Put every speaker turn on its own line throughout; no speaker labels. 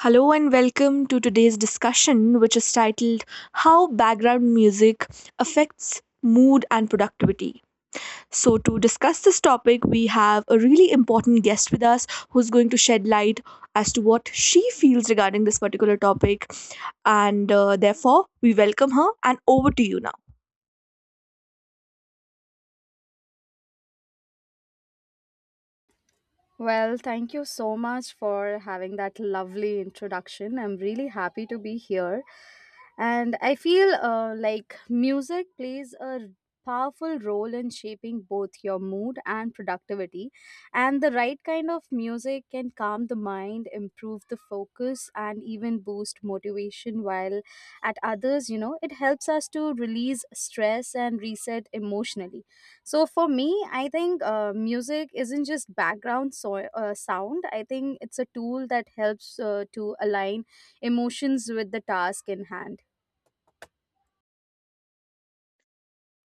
Hello and welcome to today's discussion, which is titled How Background Music Affects Mood and Productivity. So, to discuss this topic, we have a really important guest with us who's going to shed light as to what she feels regarding this particular topic. And therefore, we welcome her and over to you now.
Well, thank you so much for having that lovely introduction. I'm really happy to be here. And I feel like music plays a powerful role in shaping both your mood and productivity. And the right kind of music can calm the mind, improve the focus, and even boost motivation, while at others, you know, it helps us to release stress and reset emotionally. So for me, I think music isn't just background sound. I think it's a tool that helps to align emotions with the task in hand.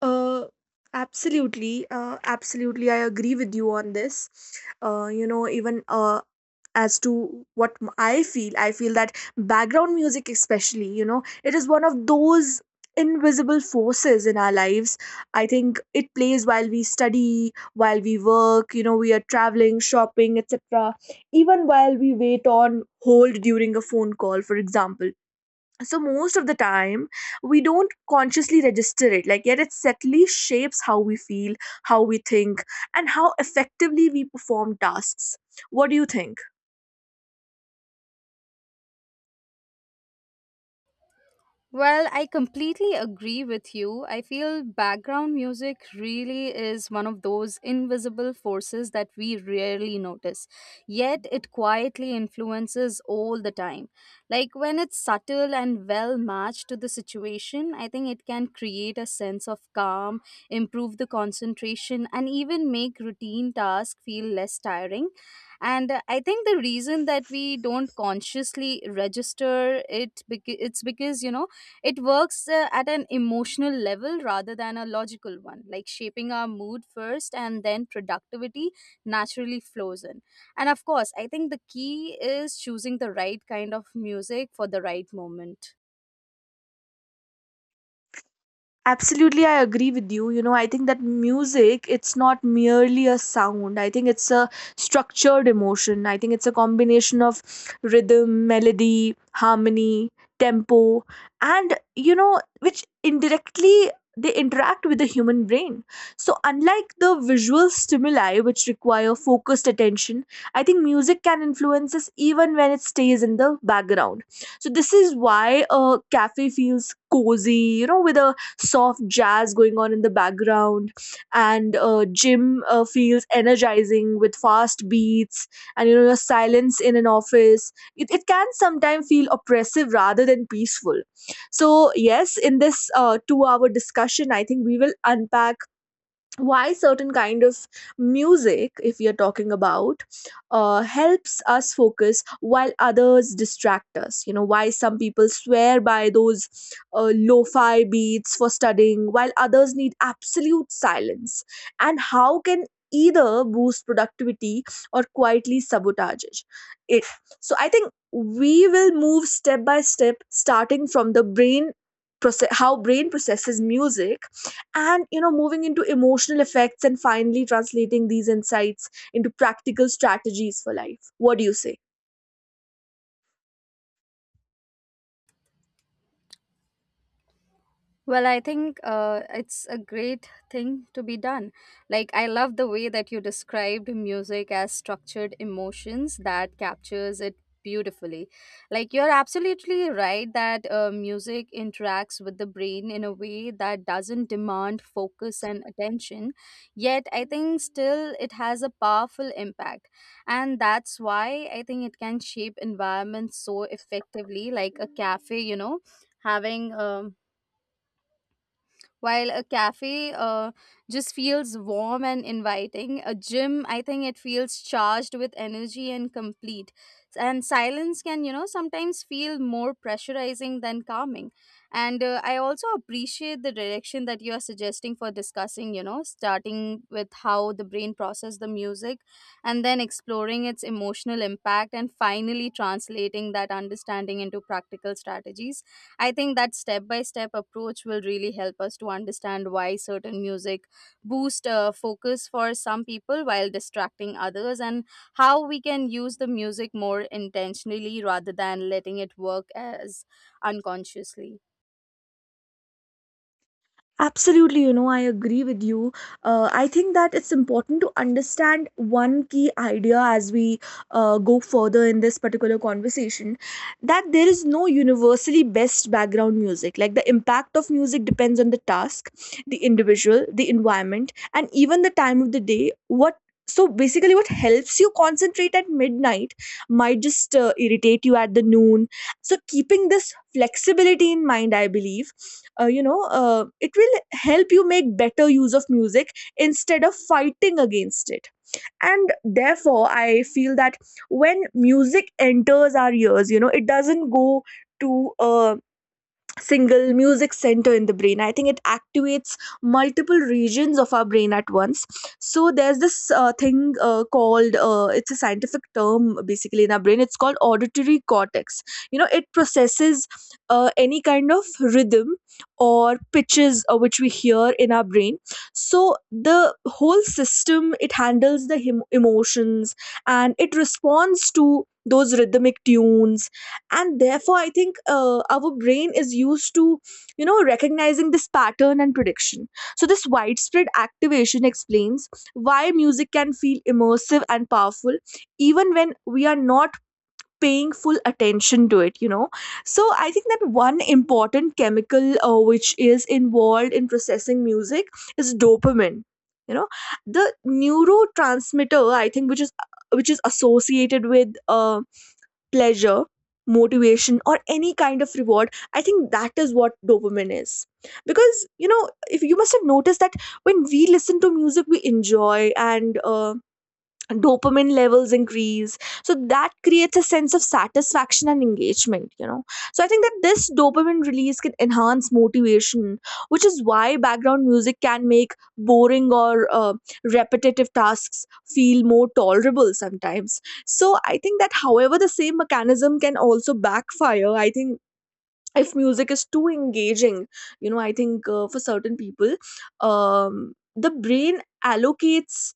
Uh, absolutely. I agree with you on this. You know, even as to what m- I feel that background music, especially, you know, it is one of those invisible forces in our lives. I think it plays while we study, while we work, you know, we are traveling, shopping, etc. Even while we wait on hold during a phone call, for example, so most of the time we don't consciously register it, like, yet it subtly shapes how we feel, how we think, and how effectively we perform tasks. What do you think?
Well, I completely agree with you. I feel background music really is one of those invisible forces that we rarely notice, yet it quietly influences all the time. Like when it's subtle and well matched to the situation, I think it can create a sense of calm, improve the concentration, and even make routine tasks feel less tiring. And I think the reason that we don't consciously register it, it's because, you know, it works at an emotional level rather than a logical one, like shaping our mood first and then productivity naturally flows in. And of course, I think the key is choosing the right kind of music for the right moment.
Absolutely, I agree with you. You know, I think that music, it's not merely a sound. I think it's a structured emotion. I think it's a combination of rhythm, melody, harmony, tempo, and, you know, which indirectly they interact with the human brain. So, unlike the visual stimuli, which require focused attention, I think music can influence us even when it stays in the background. So, this is why a cafe feels cozy, you know, with a soft jazz going on in the background, and gym feels energizing with fast beats. And you know, your silence in an office, it can sometimes feel oppressive rather than peaceful. So yes, in this 2 hour discussion, I think we will unpack why certain kind of music, if we are talking about, helps us focus while others distract us. You know, why some people swear by those lo-fi beats for studying while others need absolute silence, and how can either boost productivity or quietly sabotage it. It- so I think we will move step by step, starting from the brain process, how brain processes music, and you know, moving into emotional effects, and finally translating these insights into practical strategies for life. What do you say?
Well, I think it's a great thing to be done. Like, I love the way that you described music as structured emotions that captures it beautifully. Like, you're absolutely right that music interacts with the brain in a way that doesn't demand focus and attention. Yet, I think still it has a powerful impact. And that's why I think it can shape environments so effectively, like a cafe, you know, having. While a cafe just feels warm and inviting, a gym, I think it feels charged with energy and complete. And silence can, you know, sometimes feel more pressurizing than calming. And I also appreciate the direction that you are suggesting for discussing, you know, starting with how the brain processes the music and then exploring its emotional impact and finally translating that understanding into practical strategies. I think that step by step approach will really help us to understand why certain music boost focus for some people while distracting others, and how we can use the music more intentionally rather than letting it work as unconsciously.
Absolutely, you know, I agree with you. I think that it's important to understand one key idea as we go further in this particular conversation, that there is no universally best background music. Like, the impact of music depends on the task, the individual, the environment, and even the time of the day. What So basically, what helps you concentrate at midnight might just irritate you at the noon. So keeping this flexibility in mind, I believe it will help you make better use of music instead of fighting against it. And therefore, I feel that when music enters our ears, you know, it doesn't go to single music center in the brain. I think it activates multiple regions of our brain at once. So there's this thing called, it's a scientific term, basically in our brain it's called auditory cortex. You know, it processes any kind of rhythm or pitches which we hear in our brain. So the whole system, it handles the emotions, and it responds to those rhythmic tunes. And therefore I think our brain is used to, you know, recognizing this pattern and prediction. So this widespread activation explains why music can feel immersive and powerful even when we are not paying full attention to it, you know. So I think that one important chemical which is involved in processing music is dopamine. You know, the neurotransmitter, I think, which is associated with pleasure, motivation, or any kind of reward. I think that is what dopamine is. Because, you know, if you must have noticed that when we listen to music, we enjoy, and dopamine levels increase, so that creates a sense of satisfaction and engagement, you know. So I think that this dopamine release can enhance motivation, which is why background music can make boring or repetitive tasks feel more tolerable sometimes. So I think that however, the same mechanism can also backfire, I think, if music is too engaging. You know, I think for certain people, um, the brain allocates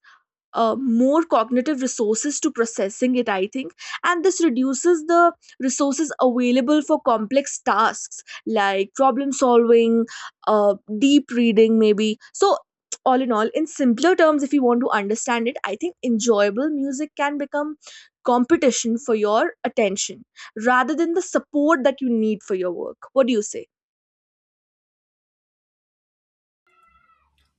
more cognitive resources to processing it, I think, and this reduces the resources available for complex tasks like problem solving, deep reading maybe. So all in all, in simpler terms, if you want to understand it, I think enjoyable music can become competition for your attention rather than the support that you need for your work. What do you say?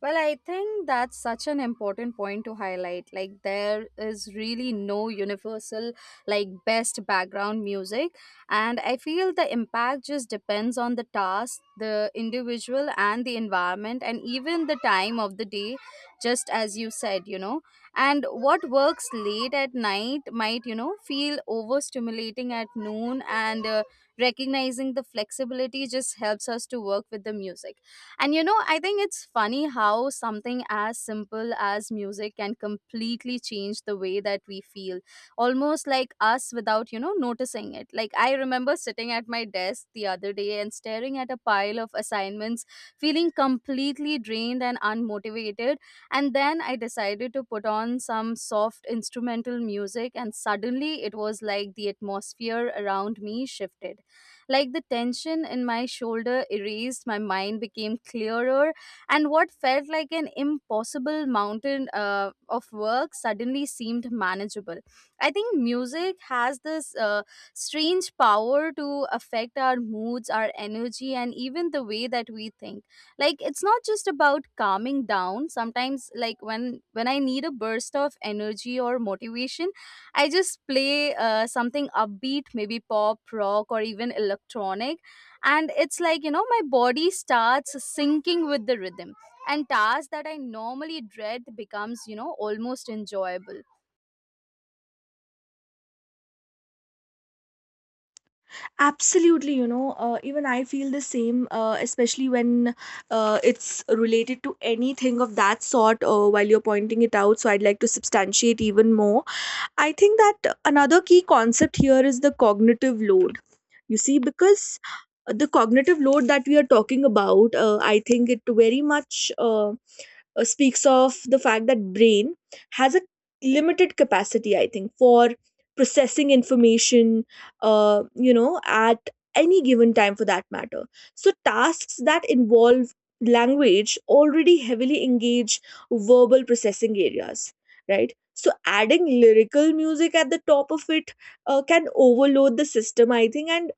Well, I think that's such an important point to highlight. Like, there is really no universal, like, best background music. And I feel the impact just depends on the task, the individual, and the environment, and even the time of the day, just as you said, you know. And what works late at night might, you know, feel overstimulating at noon, and recognizing the flexibility just helps us to work with the music. And you know, I think it's funny how something as simple as music can completely change the way that we feel, almost like us without, you know, noticing it. Like, I remember sitting at my desk the other day and staring at a pile of assignments, feeling completely drained and unmotivated. And then I decided to put on some soft instrumental music, and suddenly it was like the atmosphere around me shifted. Like the tension in my shoulder erased, my mind became clearer, and what felt like an impossible mountain of work suddenly seemed manageable. I think music has this strange power to affect our moods, our energy, and even the way that we think. Like it's not just about calming down. Sometimes, like when I need a burst of energy or motivation, I just play something upbeat, maybe pop, rock, or even electronic. And it's like, you know, my body starts syncing with the rhythm. And tasks that I normally dread becomes, you know, almost enjoyable.
Absolutely, you know, even I feel the same, especially when it's related to anything of that sort, while you're pointing it out. So I'd like to substantiate even more. I think that another key concept here is the cognitive load. You see, because the cognitive load that we are talking about, I think it very much. Speaks of the fact that brain has a limited capacity, I think, for processing information you know, at any given time, for that matter. So tasks that involve language already heavily engage verbal processing areas, right? So adding lyrical music at the top of it can overload the system, I think, and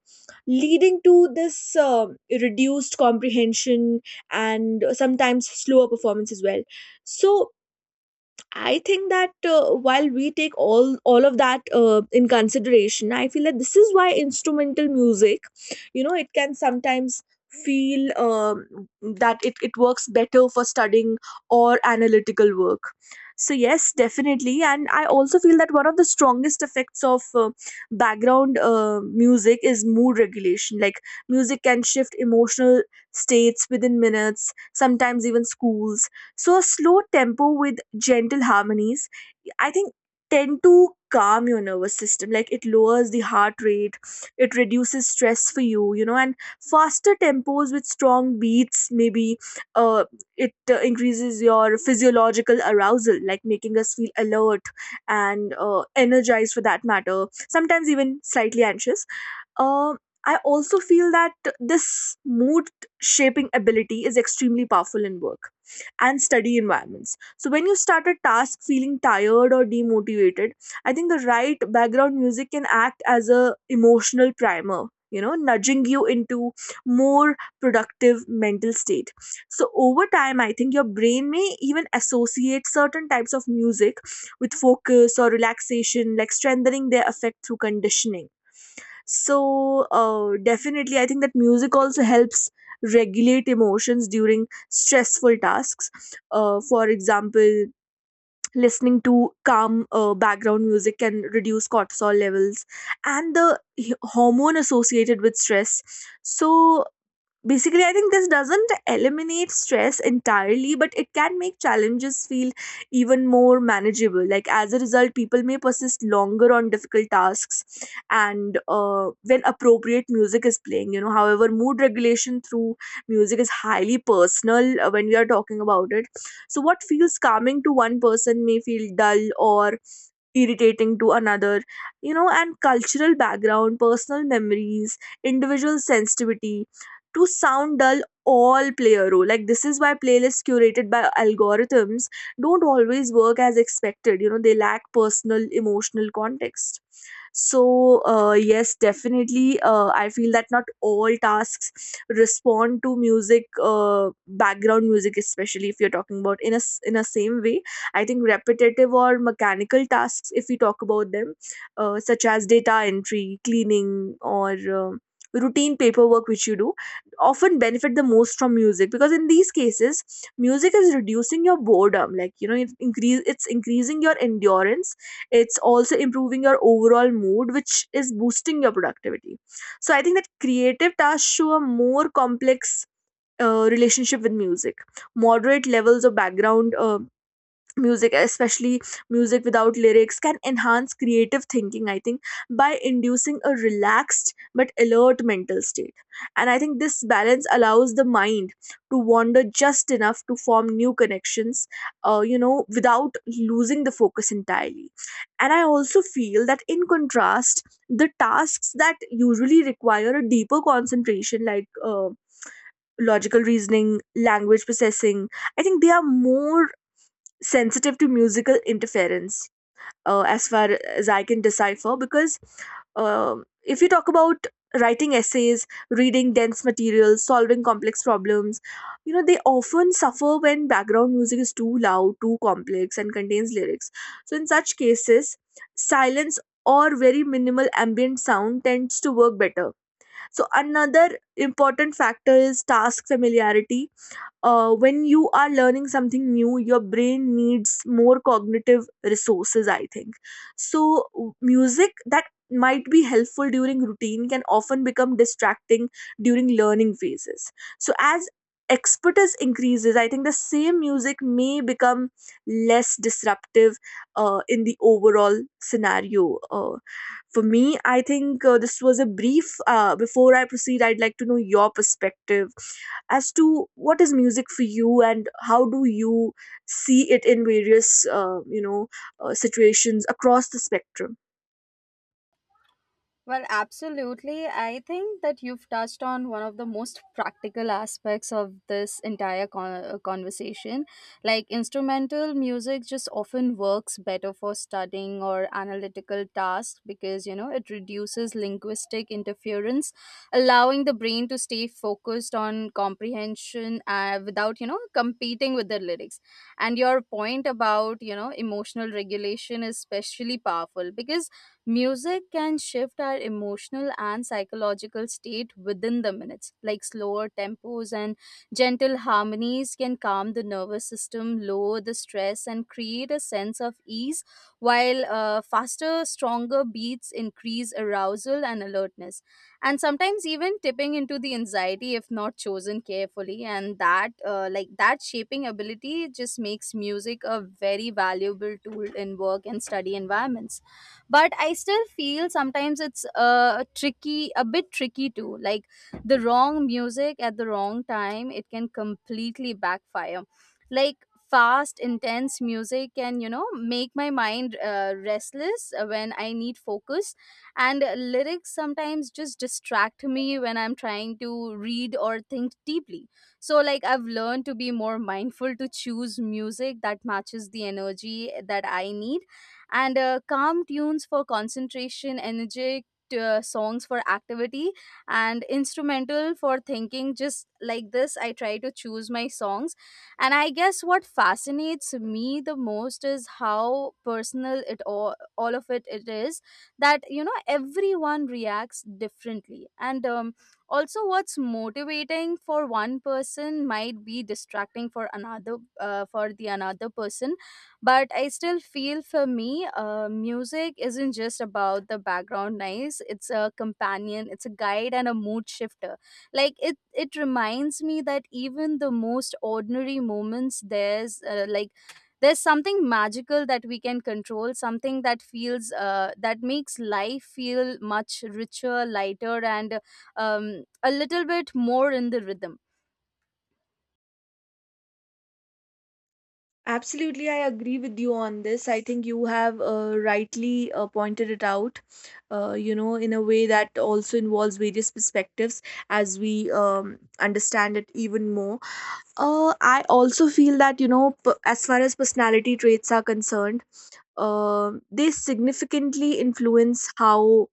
leading to this reduced comprehension and sometimes slower performance as well. So I think that while we take all of that in consideration, I feel that this is why instrumental music, you know, it can sometimes feel that it works better for studying or analytical work. So yes, definitely. And I also feel that one of the strongest effects of background music is mood regulation. Like, music can shift emotional states within minutes, sometimes even schools. So a slow tempo with gentle harmonies, I think, tend to calm your nervous system. Like, it lowers the heart rate, it reduces stress for you, you know. And faster tempos with strong beats maybe, uh, it increases your physiological arousal, like making us feel alert and energized, for that matter, sometimes even slightly anxious. um, I also feel that this mood shaping ability is extremely powerful in work and study environments. So, when you start a task feeling tired or demotivated, I think the right background music can act as a emotional primer. You know, nudging you into more productive mental state. So over time, I think your brain may even associate certain types of music with focus or relaxation, like strengthening their effect through conditioning. So, definitely, I think that music also helps regulate emotions during stressful tasks. For example, listening to calm background music can reduce cortisol levels and the hormone associated with stress. So, basically, I think this doesn't eliminate stress entirely, but it can make challenges feel even more manageable. Like, as a result, people may persist longer on difficult tasks and when appropriate music is playing, you know. However, mood regulation through music is highly personal, when we are talking about it. So what feels calming to one person may feel dull or irritating to another, you know. And cultural background, personal memories, individual sensitivity to sound dull, all play a role. Like, this is why playlists curated by algorithms don't always work as expected, you know, they lack personal emotional context. So yes definitely, I feel that not all tasks respond to music, uh, background music, especially if you're talking about in a in a same way. I think repetitive or mechanical tasks, if we talk about them, such as data entry, cleaning, or um routine paperwork which you do, often benefit the most from music because in these cases, music is reducing your boredom. Like you know, it's increasing your endurance. It's also improving your overall mood, which is boosting your productivity. So I think that creative tasks show a more complex relationship with music. Moderate levels of background music, especially music without lyrics, can enhance creative thinking, I think, by inducing a relaxed but alert mental state. And I think this balance allows the mind to wander just enough to form new connections without losing the focus entirely. And I also feel that, in contrast, the tasks that usually require a deeper concentration, like logical reasoning, language processing, I think they are more sensitive to musical interference, as far as I can decipher, because if you talk about writing essays, reading dense materials, solving complex problems, you know, they often suffer when background music is too loud, too complex, and contains lyrics. So in such cases, silence or very minimal ambient sound tends to work better. So another important factor is task familiarity. When you are learning something new, your brain needs more cognitive resources, I think. So music that might be helpful during routine can often become distracting during learning phases. So as expertise increases, I think the same music may become less disruptive in the overall scenario. For me, I think this was a brief. Before I proceed, I'd like to know your perspective as to what is music for you and how do you see it in various situations across the spectrum.
Well, absolutely. I think that you've touched on one of the most practical aspects of this entire conversation. Like, instrumental music just often works better for studying or analytical tasks because, you know, it reduces linguistic interference, allowing the brain to stay focused on comprehension without, you know, competing with the lyrics. And your point about, you know, emotional regulation is especially powerful because music can shift our emotional and psychological state within the minutes, like slower tempos and gentle harmonies can calm the nervous system, lower the stress, and create a sense of ease, while faster, stronger beats increase arousal and alertness, and sometimes even tipping into the anxiety if not chosen carefully. And that, like that shaping ability, just makes music a very valuable tool in work and study environments. But I still feel sometimes it's tricky, a bit tricky too. Like the wrong music at the wrong time, it can completely backfire. Like fast intense music can, you know, make my mind restless when I need focus, and lyrics sometimes just distract me when I'm trying to read or think deeply. So like I've learned to be more mindful, to choose music that matches the energy that I need. And calm tunes for concentration, energetic songs for activity, and instrumental for thinking. Just like this, I try to choose my songs. And I guess what fascinates me the most is how personal it it is. That, you know, everyone reacts differently. And also what's motivating for one person might be distracting for another for the another person But I still feel for me, music isn't just about the background noise. It's a companion, it's a guide, and a mood shifter. Like it reminds me that even the most ordinary moments, there's like there's something magical that we can control, something that feels that makes life feel much richer, lighter, and um, a little bit more in the rhythm.
Absolutely, I agree with you on this. I think you have rightly pointed it out, you know, in a way that also involves various perspectives as we understand it even more. I also feel that, you know, as far as personality traits are concerned, they significantly influence how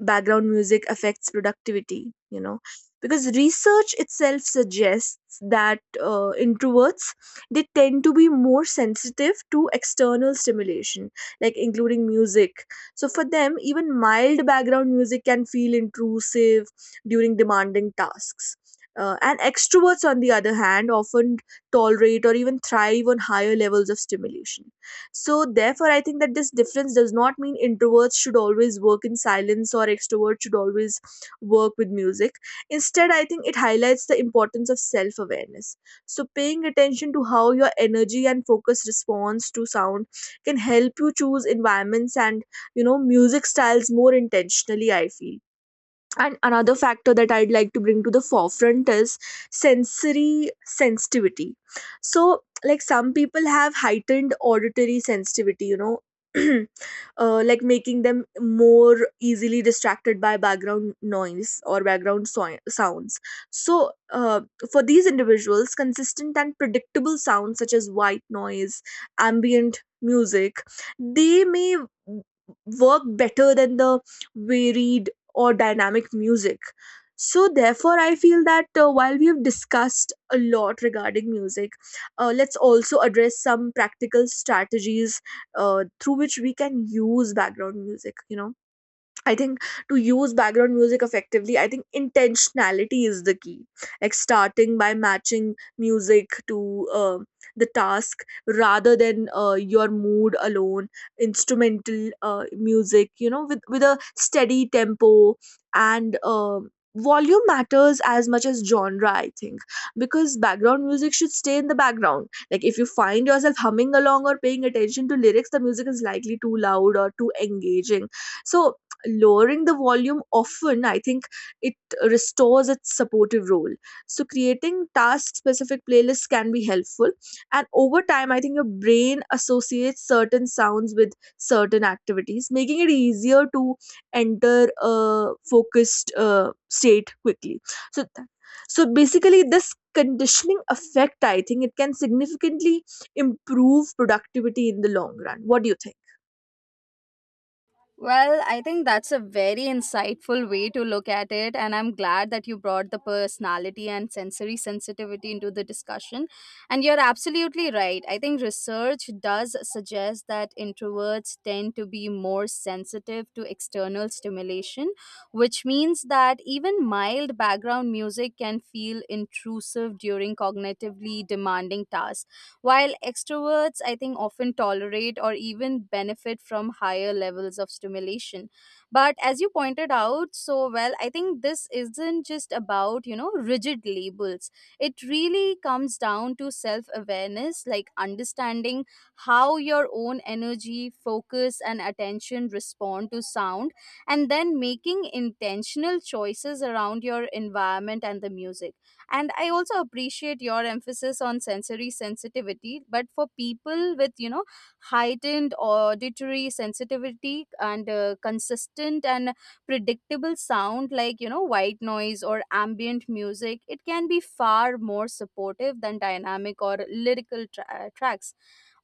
background music affects productivity, you know, because research itself suggests that introverts, they tend to be more sensitive to external stimulation, like including music. So for them, even mild background music can feel intrusive during demanding tasks. And extroverts, on the other hand, often tolerate or even thrive on higher levels of stimulation. So, therefore, I think that this difference does not mean introverts should always work in silence or extroverts should always work with music. Instead, I think it highlights the importance of self awareness. So, paying attention to how your energy and focus responds to sound can help you choose environments and, you know, music styles more intentionally, I feel. And another factor that I'd like to bring to the forefront is sensory sensitivity. So, like, some people have heightened auditory sensitivity, you know. Like, making them more easily distracted by background noise or background sounds. So for these individuals, consistent and predictable sounds such as white noise, ambient music, they may work better than the varied or dynamic music. So, therefore, I feel that, while we have discussed a lot regarding music, let's also address some practical strategies through which we can use background music. You know, I think, to use background music effectively, I think intentionality is the key. Like, starting by matching music to the task rather than your mood alone. Instrumental music, you know, with a steady tempo and. Volume matters as much as genre, I think, because background music should stay in the background. Like, if you find yourself humming along or paying attention to lyrics, the music is likely too loud or too engaging. So lowering the volume often, I think, it restores its supportive role. So, creating task specific playlists can be helpful. And over time, I think your brain associates certain sounds with certain activities, making it easier to enter a focused state quickly. So, so basically, this conditioning effect, I think, it can significantly improve productivity in the long run. What do you think?
Well, I think that's a very insightful way to look at it, and I'm glad that you brought the personality and sensory sensitivity into the discussion. And you're absolutely right. I think research does suggest that introverts tend to be more sensitive to external stimulation, which means that even mild background music can feel intrusive during cognitively demanding tasks. While extroverts, I think, often tolerate or even benefit from higher levels of stimulation. But as you pointed out so well, I think this isn't just about, you know, rigid labels. It really comes down to self awareness, like understanding how your own energy, focus, and attention respond to sound, and then making intentional choices around your environment and the music. And I also appreciate your emphasis on sensory sensitivity, but for people with, you know, heightened auditory sensitivity and consistent and predictable sound like, you know, white noise or ambient music, it can be far more supportive than dynamic or lyrical tracks.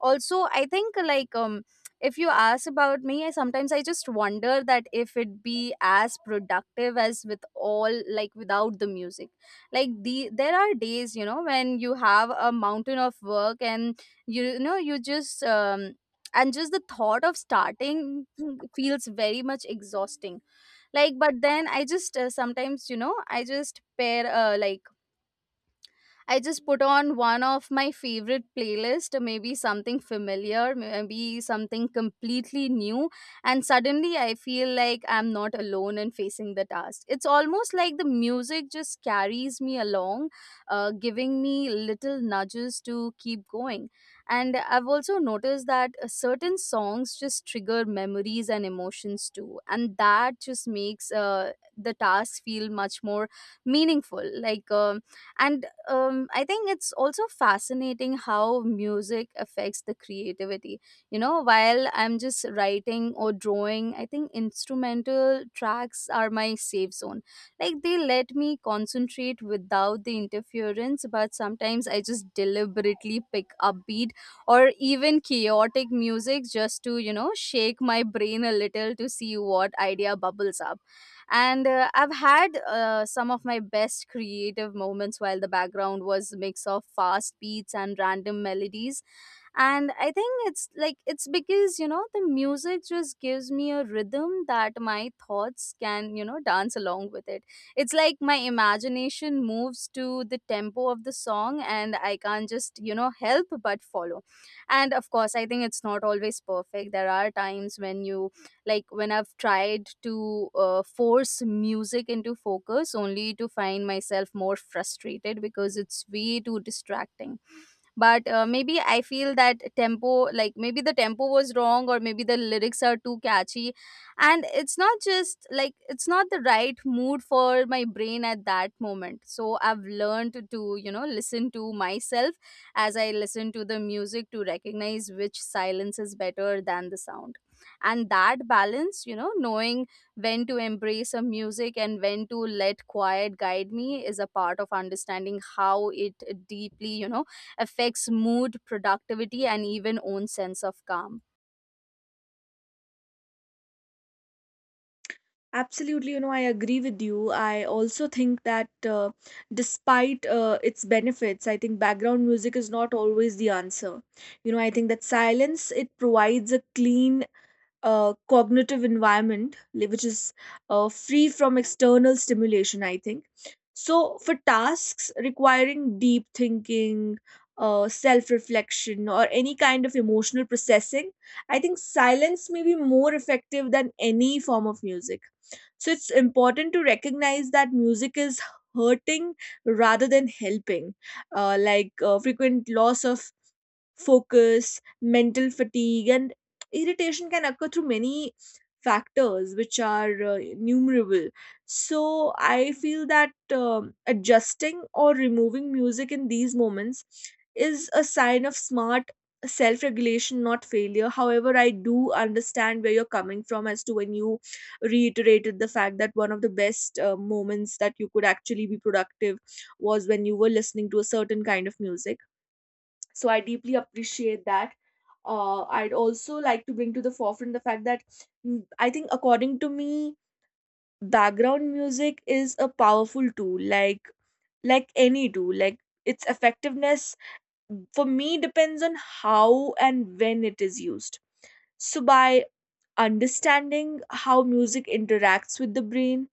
Also I think like if you ask about me, I sometimes I just wonder that if it be as productive as with all, like without the music. Like there are days, you know, when you have a mountain of work, and you know you just and just the thought of starting feels very much exhausting. Like but then I just sometimes, you know, I just pair like I just put on one of my favorite playlist, maybe something familiar, maybe something completely new, and suddenly I feel like I'm not alone in facing the task. It's almost like the music just carries me along, giving me little nudges to keep going. And I've also noticed that certain songs just trigger memories and emotions too, and that just makes the task feel much more meaningful. And I think it's also fascinating how music affects the creativity. You know, while I'm just writing or drawing, I think instrumental tracks are my safe zone. Like they let me concentrate without the interference, but sometimes I just deliberately pick upbeat or even chaotic music just to, shake my brain a little to see what idea bubbles up and I've had some of my best creative moments while the background was mix of fast beats and random melodies. And I think it's like it's because the music just gives me a rhythm that my thoughts can dance along with it. It's like my imagination moves to the tempo of the song and I can't just help but follow. And of course I think it's not always perfect. There are times when you like when I've tried to force music into focus only to find myself more frustrated because it's way too distracting. But maybe I feel that tempo, like maybe the tempo was wrong or maybe the lyrics are too catchy and it's not just like it's not the right mood for my brain at that moment. So I've learned to listen to myself as I listen to the music to recognize which silence is better than the sound. And that balance, knowing when to embrace a music and when to let quiet guide me, is a part of understanding how it deeply affects mood, productivity, and even own sense of calm.
Absolutely, you know, I agree with you. I also think that despite its benefits, I think background music is not always the answer. You know, I think that silence, it provides a clean cognitive environment, which is free from external stimulation, I think. So for tasks requiring deep thinking, self-reflection, or any kind of emotional processing, I think silence may be more effective than any form of music. So it's important to recognize that music is hurting rather than helping. Like, frequent loss of focus, mental fatigue, and irritation can occur through many factors, which are innumerable. So I feel that adjusting or removing music in these moments is a sign of smart self regulation, not failure. However, I do understand where you're coming from as to when you reiterated the fact that one of the best moments that you could actually be productive was when you were listening to a certain kind of music. So I deeply appreciate that. I'd also like to bring to the forefront the fact that, I think, according to me, background music is a powerful tool. Like any tool, like, its effectiveness, for me, depends on how and when it is used. So by understanding how music interacts with the brain,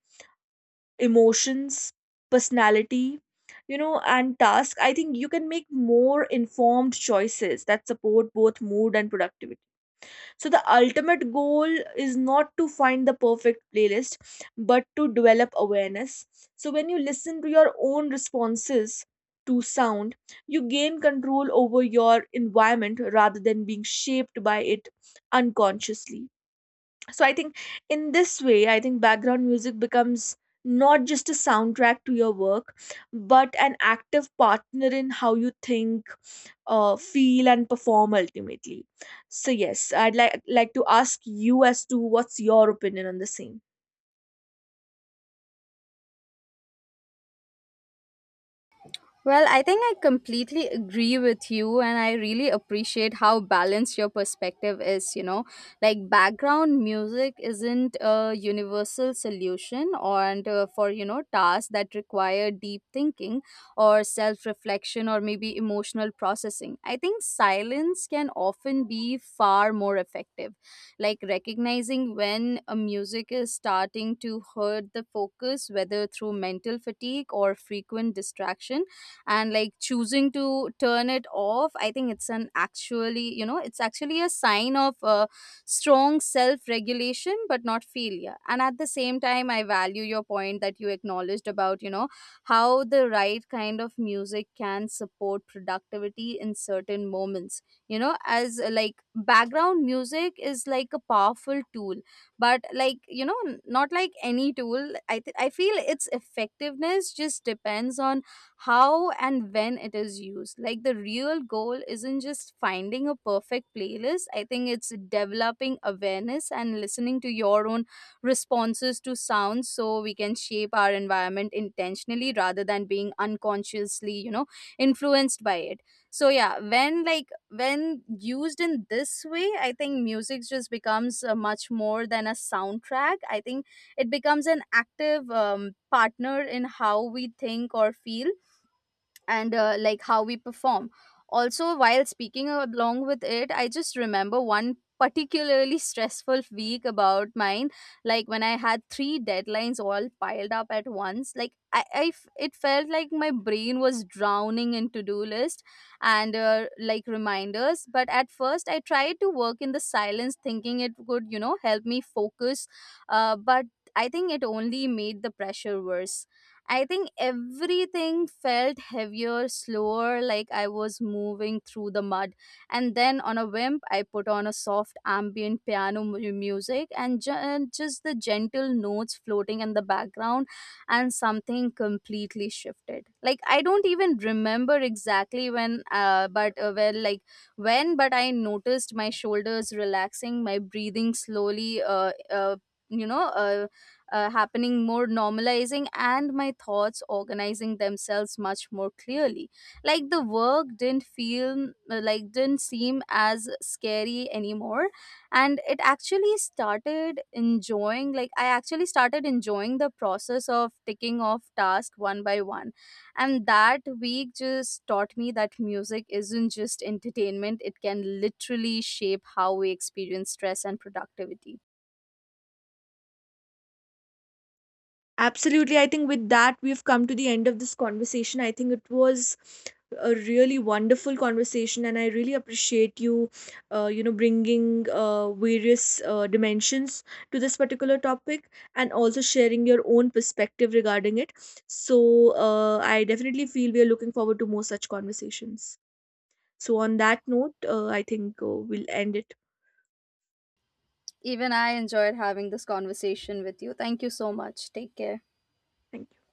emotions, personality, you know, and task, I think you can make more informed choices that support both mood and productivity. So, the ultimate goal is not to find the perfect playlist, but to develop awareness. So, when you listen to your own responses to sound, you gain control over your environment rather than being shaped by it unconsciously. So I think, in this way, I think background music becomes not just a soundtrack to your work but an active partner in how you think, feel, and perform ultimately. So yes, I'd like to ask you as to what's your opinion on the same.
Well, I think I completely agree with you, and I really appreciate how balanced your perspective is. You know, like background music isn't a universal solution, for tasks that require deep thinking or self-reflection or maybe emotional processing. I think silence can often be far more effective, like recognizing when a music is starting to hurt the focus, whether through mental fatigue or frequent distraction, and like choosing to turn it off. I think it's an actually you know it's actually a sign of strong self regulation but not failure. And at the same time I value your point that you acknowledged about how the right kind of music can support productivity in certain moments. You know as Like background music is like a powerful tool, but like, not like any tool, I feel its effectiveness just depends on how and when it is used. Like the real goal isn't just finding a perfect playlist, I think it's developing awareness and listening to your own responses to sounds so we can shape our environment intentionally rather than being unconsciously, influenced by it. So yeah, when used in this way, I think music just becomes much more than a soundtrack. I think it becomes an active partner in how we think or feel and like how we perform. Also, while speaking along with it, I just remember one particularly stressful week about mine, like when I had three deadlines all piled up at once, it felt like my brain was drowning in to-do list and like reminders. But at first I tried to work in the silence thinking it would help me focus, but I think it only made the pressure worse. I think everything felt heavier, slower, like I was moving through the mud. And then on a whim, I put on a soft ambient piano music, and and just the gentle notes floating in the background, and something completely shifted. Like, I don't even remember exactly when, but well, like when, but I noticed my shoulders relaxing, my breathing slowly, you know, uh, happening more normalizing, and my thoughts organizing themselves much more clearly. Like the work didn't feel like didn't seem as scary anymore, and it actually started enjoying like I actually started enjoying the process of ticking off tasks one by one. And that week just taught me that music isn't just entertainment, it can literally shape how we experience stress and productivity.
Absolutely. I think with that, we've come to the end of this conversation. I think it was a really wonderful conversation, and I really appreciate you, bringing various dimensions to this particular topic and also sharing your own perspective regarding it. So, I definitely feel we are looking forward to more such conversations. So, on that note, I think we'll end it.
Even I enjoyed having this conversation with you. Thank you so much. Take care.
Thank you.